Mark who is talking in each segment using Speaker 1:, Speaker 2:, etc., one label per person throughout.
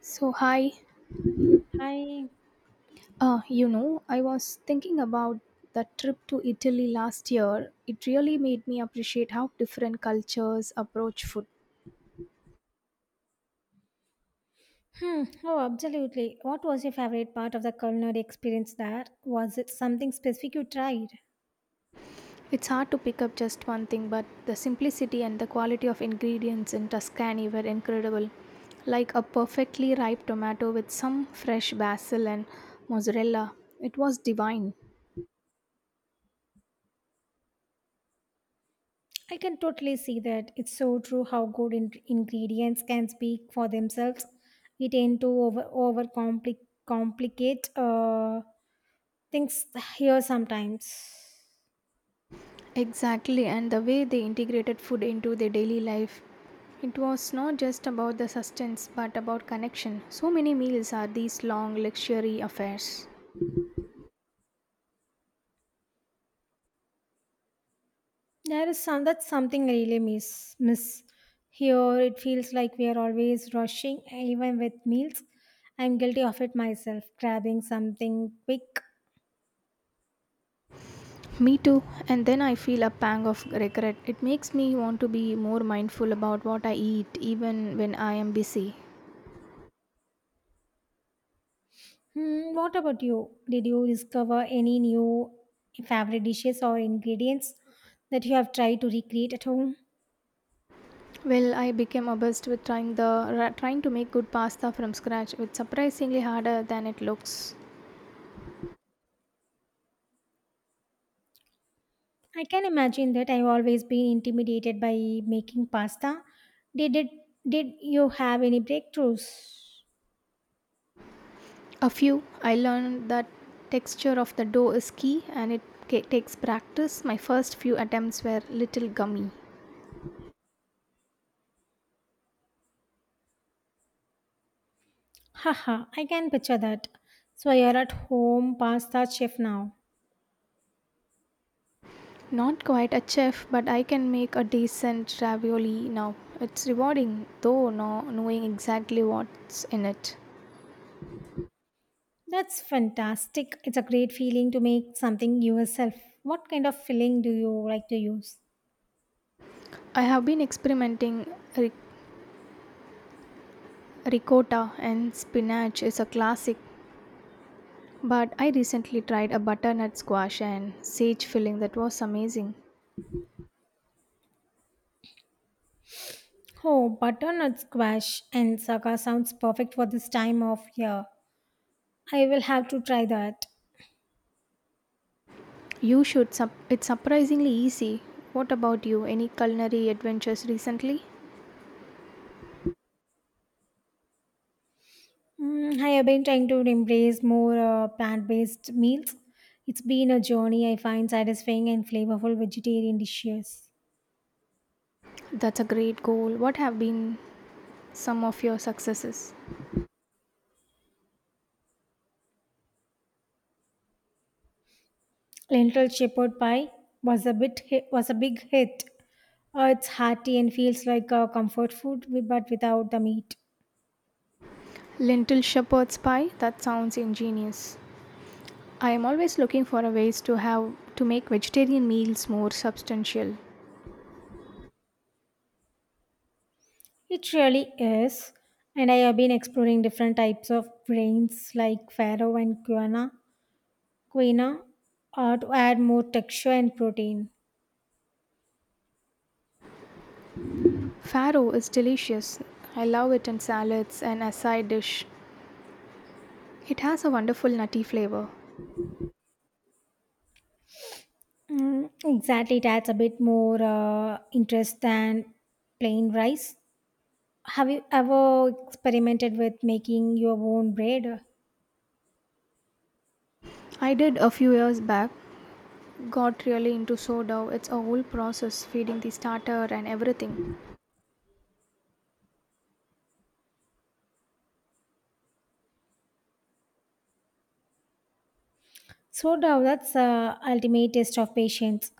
Speaker 1: So, hi,
Speaker 2: I
Speaker 1: you know, I was thinking about that trip to Italy last year. It really made me appreciate how different cultures approach food.
Speaker 2: oh, absolutely. What was your favorite part of the culinary experience there? Was it something specific you tried?
Speaker 1: It's hard to pick up just one thing, but the simplicity and the quality of ingredients in Tuscany were incredible. Like a perfectly ripe tomato with some fresh basil and mozzarella. It was divine.
Speaker 2: I can totally see that. It's so true how good ingredients can speak for themselves. We tend to over complicate things here sometimes.
Speaker 1: Exactly, and the way they integrated food into their daily life. It was not just about the sustenance but about connection. So many meals are these long, luxury affairs.
Speaker 2: There is something I really miss here. It feels like we are always rushing, even with meals. I'm guilty of it myself, grabbing something quick.
Speaker 1: Me too, and then I feel a pang of regret. It makes me want to be more mindful about what I eat, even when I am busy.
Speaker 2: Hmm, what about you? Did you discover any new favorite dishes or ingredients that you have tried to recreate at home?
Speaker 1: Well, I became obsessed with trying the trying to make good pasta from scratch. It's surprisingly harder than it looks.
Speaker 2: I can imagine that. I've always been intimidated by making pasta. Did it? Did you have any breakthroughs?
Speaker 1: A few. I learned that texture of the dough is key and it takes practice. My first few attempts were little gummy.
Speaker 2: Haha, I can picture that. So you're at home pasta chef now.
Speaker 1: Not quite a chef, but I can make a decent ravioli now. It's rewarding, though, no, knowing exactly what's in it.
Speaker 2: That's fantastic. It's a great feeling to make something yourself. What kind of filling do you like to use?
Speaker 1: I have been experimenting ric- ricotta and spinach is a classic, but I recently tried a butternut squash and sage filling that was amazing.
Speaker 2: Oh, butternut squash and saga sounds perfect for this time of year. I will have to try that.
Speaker 1: You should. It's surprisingly easy. What about you? Any culinary adventures recently?
Speaker 2: I have been trying to embrace more plant-based meals. It's been a journey. I find satisfying and flavorful vegetarian dishes.
Speaker 1: That's a great goal. What have been some of your successes?
Speaker 2: Lentil shepherd pie was a big hit. It's hearty and feels like a comfort food, but without the meat.
Speaker 1: Lentil shepherd's pie? That sounds ingenious. I am always looking for a ways to have to make vegetarian meals more substantial.
Speaker 2: It really is. And I have been exploring different types of grains like farro and quinoa, to add more texture and protein.
Speaker 1: Farro is delicious. I love it in salads and as side dish. It has a wonderful nutty flavor.
Speaker 2: Mm, exactly, it adds a bit more interest than plain rice. Have you ever experimented with making your own bread?
Speaker 1: I did a few years back got really into sourdough. It's a whole process, feeding the starter and everything.
Speaker 2: So now that's the ultimate test of patience,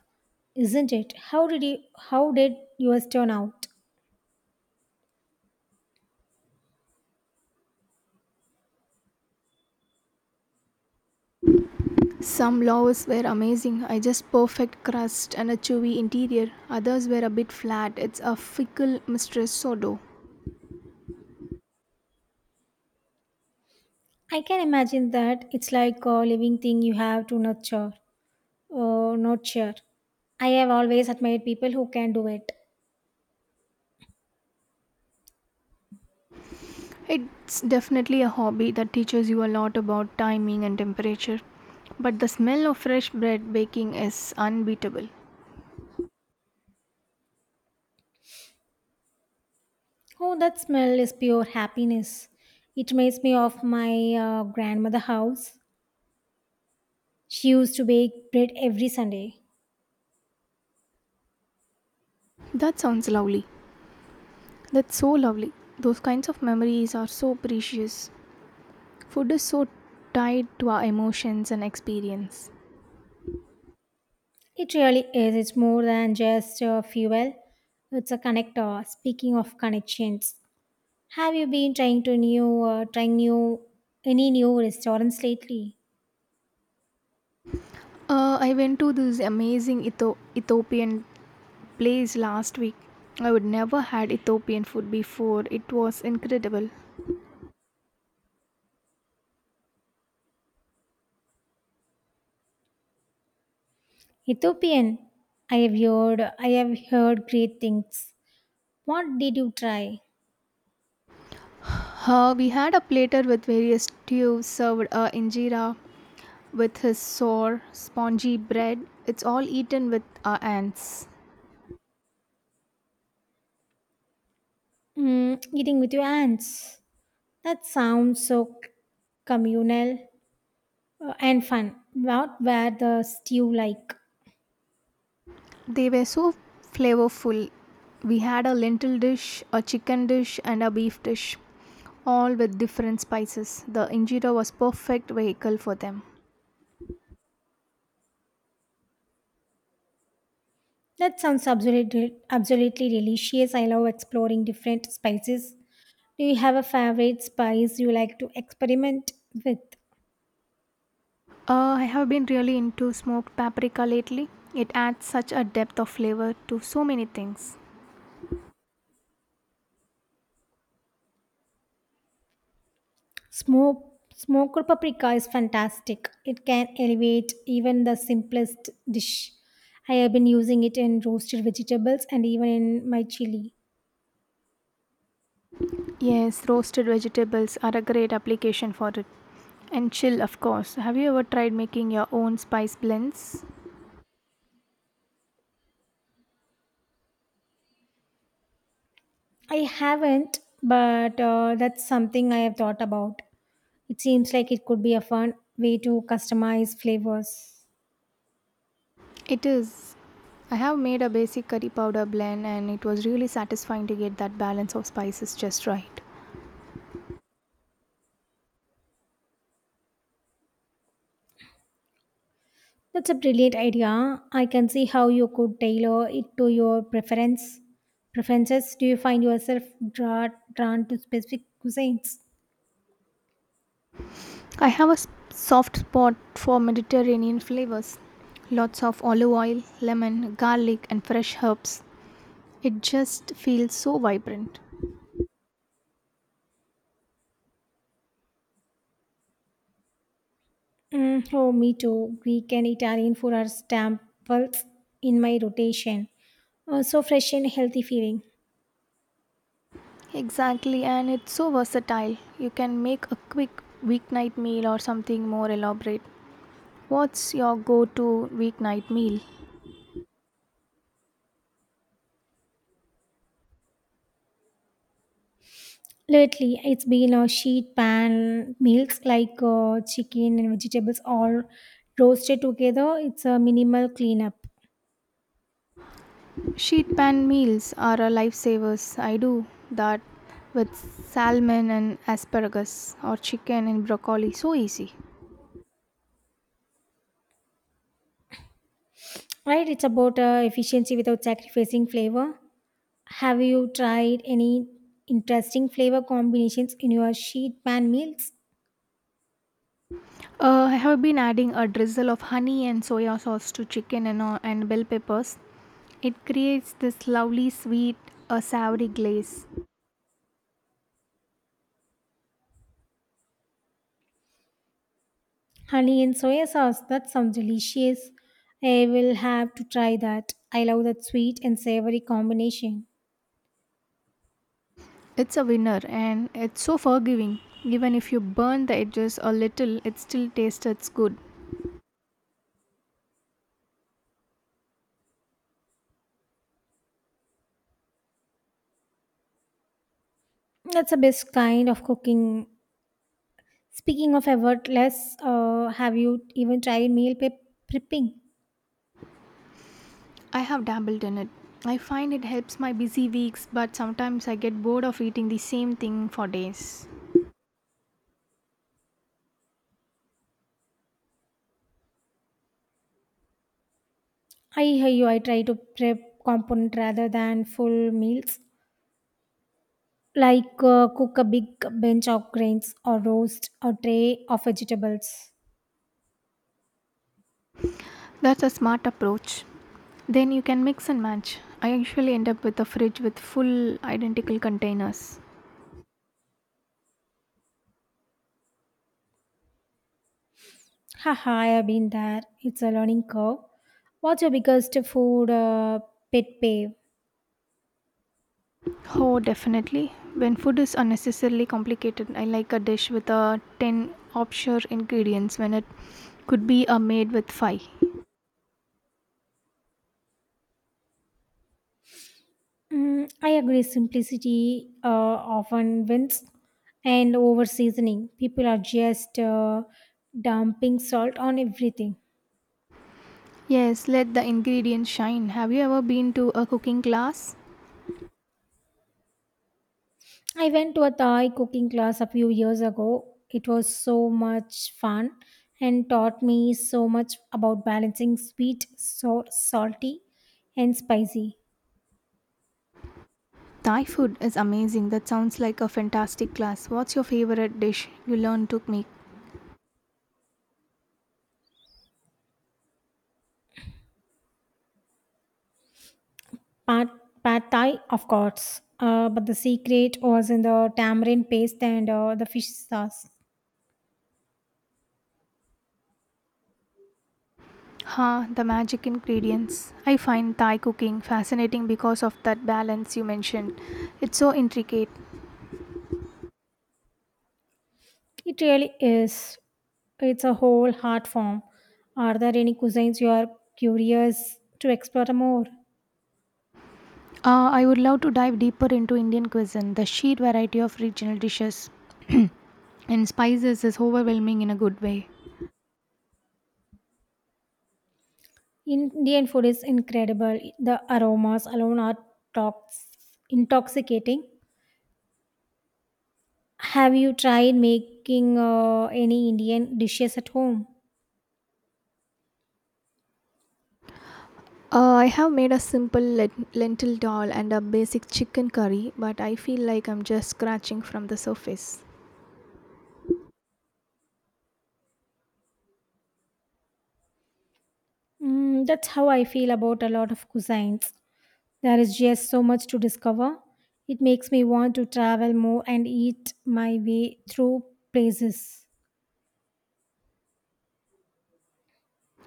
Speaker 2: isn't it? How did yours turn out?
Speaker 1: Some loaves were amazing, I just perfect crust and a chewy interior. Others were a bit flat. It's a fickle mistress sourdough.
Speaker 2: I can imagine that. It's like a living thing you have to nurture. I have always admired people who can do it.
Speaker 1: It's definitely a hobby that teaches you a lot about timing and temperature. But the smell of fresh bread baking is unbeatable.
Speaker 2: Oh, that smell is pure happiness. It reminds me of my grandmother house. She used to bake bread every Sunday.
Speaker 1: That sounds lovely. That's so lovely. Those kinds of memories are so precious. Food is so tied to our emotions and experience.
Speaker 2: It really is. It's more than just fuel. It's a connector. Speaking of connections, have you been trying new any new restaurants lately?
Speaker 1: I went to this amazing Ethiopian place last week. I would never had Ethiopian food before. It was incredible.
Speaker 2: Ethiopian. I have heard great things. What did you try?
Speaker 1: We had a platter with various stews served injera with his sour, spongy bread. It's all eaten with our hands.
Speaker 2: Mm, eating with your hands. That sounds so communal and fun. What were the stew like?
Speaker 1: They were so flavorful. We had a lentil dish, a chicken dish, and a beef dish, all with different spices. The injera was perfect vehicle for them.
Speaker 2: That sounds absolutely delicious. I love exploring different spices. Do you have a favorite spice you like to experiment with?
Speaker 1: I have been really into smoked paprika lately. It adds such a depth of flavor to so many things.
Speaker 2: Smoke, smoked paprika is fantastic. It can elevate even the simplest dish. I have been using it in roasted vegetables and even in my chili.
Speaker 1: Yes, roasted vegetables are a great application for it. And chill, of course. Have you ever tried making your own spice blends?
Speaker 2: I haven't, but that's something I have thought about. It seems like it could be a fun way to customize flavors.
Speaker 1: It is. I have made a basic curry powder blend and it was really satisfying to get that balance of spices just right.
Speaker 2: That's a brilliant idea. I can see how you could tailor it to your preference. Preferences? Do you find yourself drawn to specific cuisines?
Speaker 1: I have a soft spot for Mediterranean flavors. Lots of olive oil, lemon, garlic, and fresh herbs. It just feels so vibrant.
Speaker 2: Mm, oh, me too. Greek and Italian food are staples in my rotation. So fresh and healthy feeling.
Speaker 1: Exactly, and it's so versatile. You can make a quick weeknight meal or something more elaborate. What's your go to weeknight meal?
Speaker 2: Lately, it's been a sheet pan meals like chicken and vegetables all roasted together. It's a minimal cleanup,
Speaker 1: Sheet pan meals are a lifesavers. I do that with salmon and asparagus or chicken and broccoli. So easy.
Speaker 2: right? It's about efficiency without sacrificing flavor. Have you tried any interesting flavor combinations in your sheet pan meals?
Speaker 1: I have been adding a drizzle of honey and soya sauce to chicken and bell peppers. It creates this lovely sweet, a savory glaze.
Speaker 2: Honey and soya sauce, that sounds delicious. I will have to try that. I love that sweet and savory combination.
Speaker 1: It's a winner and it's so forgiving. Even if you burn the edges a little, it still tastes good.
Speaker 2: That's the best kind of cooking. Speaking of effortless, have you even tried prepping?
Speaker 1: I have dabbled in it. I find it helps my busy weeks, but sometimes I get bored of eating the same thing for days.
Speaker 2: I hear you. I try to prep component rather than full meals. Like cook a big bench of grains or roast a tray of vegetables.
Speaker 1: That's a smart approach. Then you can mix and match. I usually end up with a fridge with full identical containers.
Speaker 2: Haha, I have been there. It's a learning curve. What's your biggest food pet peeve?
Speaker 1: Oh, definitely. When food is unnecessarily complicated, I like a dish with a 10 offshore ingredients when it could be a made with 5.
Speaker 2: I agree, simplicity often wins, and over seasoning. People are just dumping salt on everything.
Speaker 1: Yes, let the ingredients shine. Have you ever been to a cooking class?
Speaker 2: I went to a Thai cooking class a few years ago. It was so much fun and taught me so much about balancing sweet, sour, salty, and spicy.
Speaker 1: Thai food is amazing. That sounds like a fantastic class. What's your favorite dish you learned to make?
Speaker 2: Pad, pad Thai, of course. But the secret was in the tamarind paste and the fish sauce.
Speaker 1: Ha, the magic ingredients. I find Thai cooking fascinating because of that balance you mentioned. It's so intricate.
Speaker 2: It really is. It's a whole art form. Are there any cuisines you are curious to explore more?
Speaker 1: I would love to dive deeper into Indian cuisine. The sheer variety of regional dishes and spices is overwhelming in a good way.
Speaker 2: Indian food is incredible. The aromas alone are tox- intoxicating. Have you tried making any Indian dishes at home?
Speaker 1: I have made a simple lentil dal and a basic chicken curry, but I feel like I'm just scratching from the surface.
Speaker 2: That's how I feel about a lot of cuisines. There is just so much to discover. It makes me want to travel more and eat my way through places.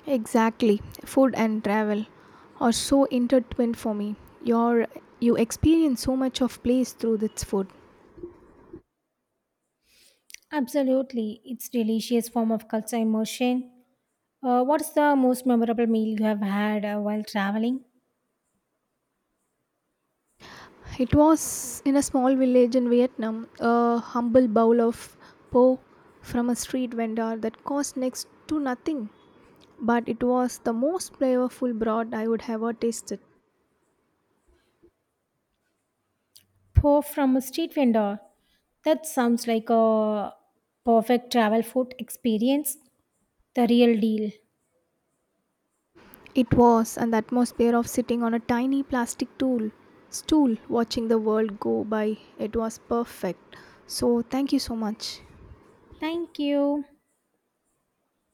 Speaker 1: Exactly. Food and travel are so intertwined for me. Your you experience so much of place through this food.
Speaker 2: Absolutely, it's delicious form of culture immersion. What's the most memorable meal you have had while traveling?
Speaker 1: It was in a small village in Vietnam, a humble bowl of po from a street vendor that cost next to nothing, but it was the most flavorful broth I would ever tasted.
Speaker 2: Po from a street vendor. That sounds like a perfect travel food experience. The real deal.
Speaker 1: It was an atmosphere of sitting on a tiny plastic stool, watching the world go by. It was perfect. So, thank you so much.
Speaker 2: Thank you.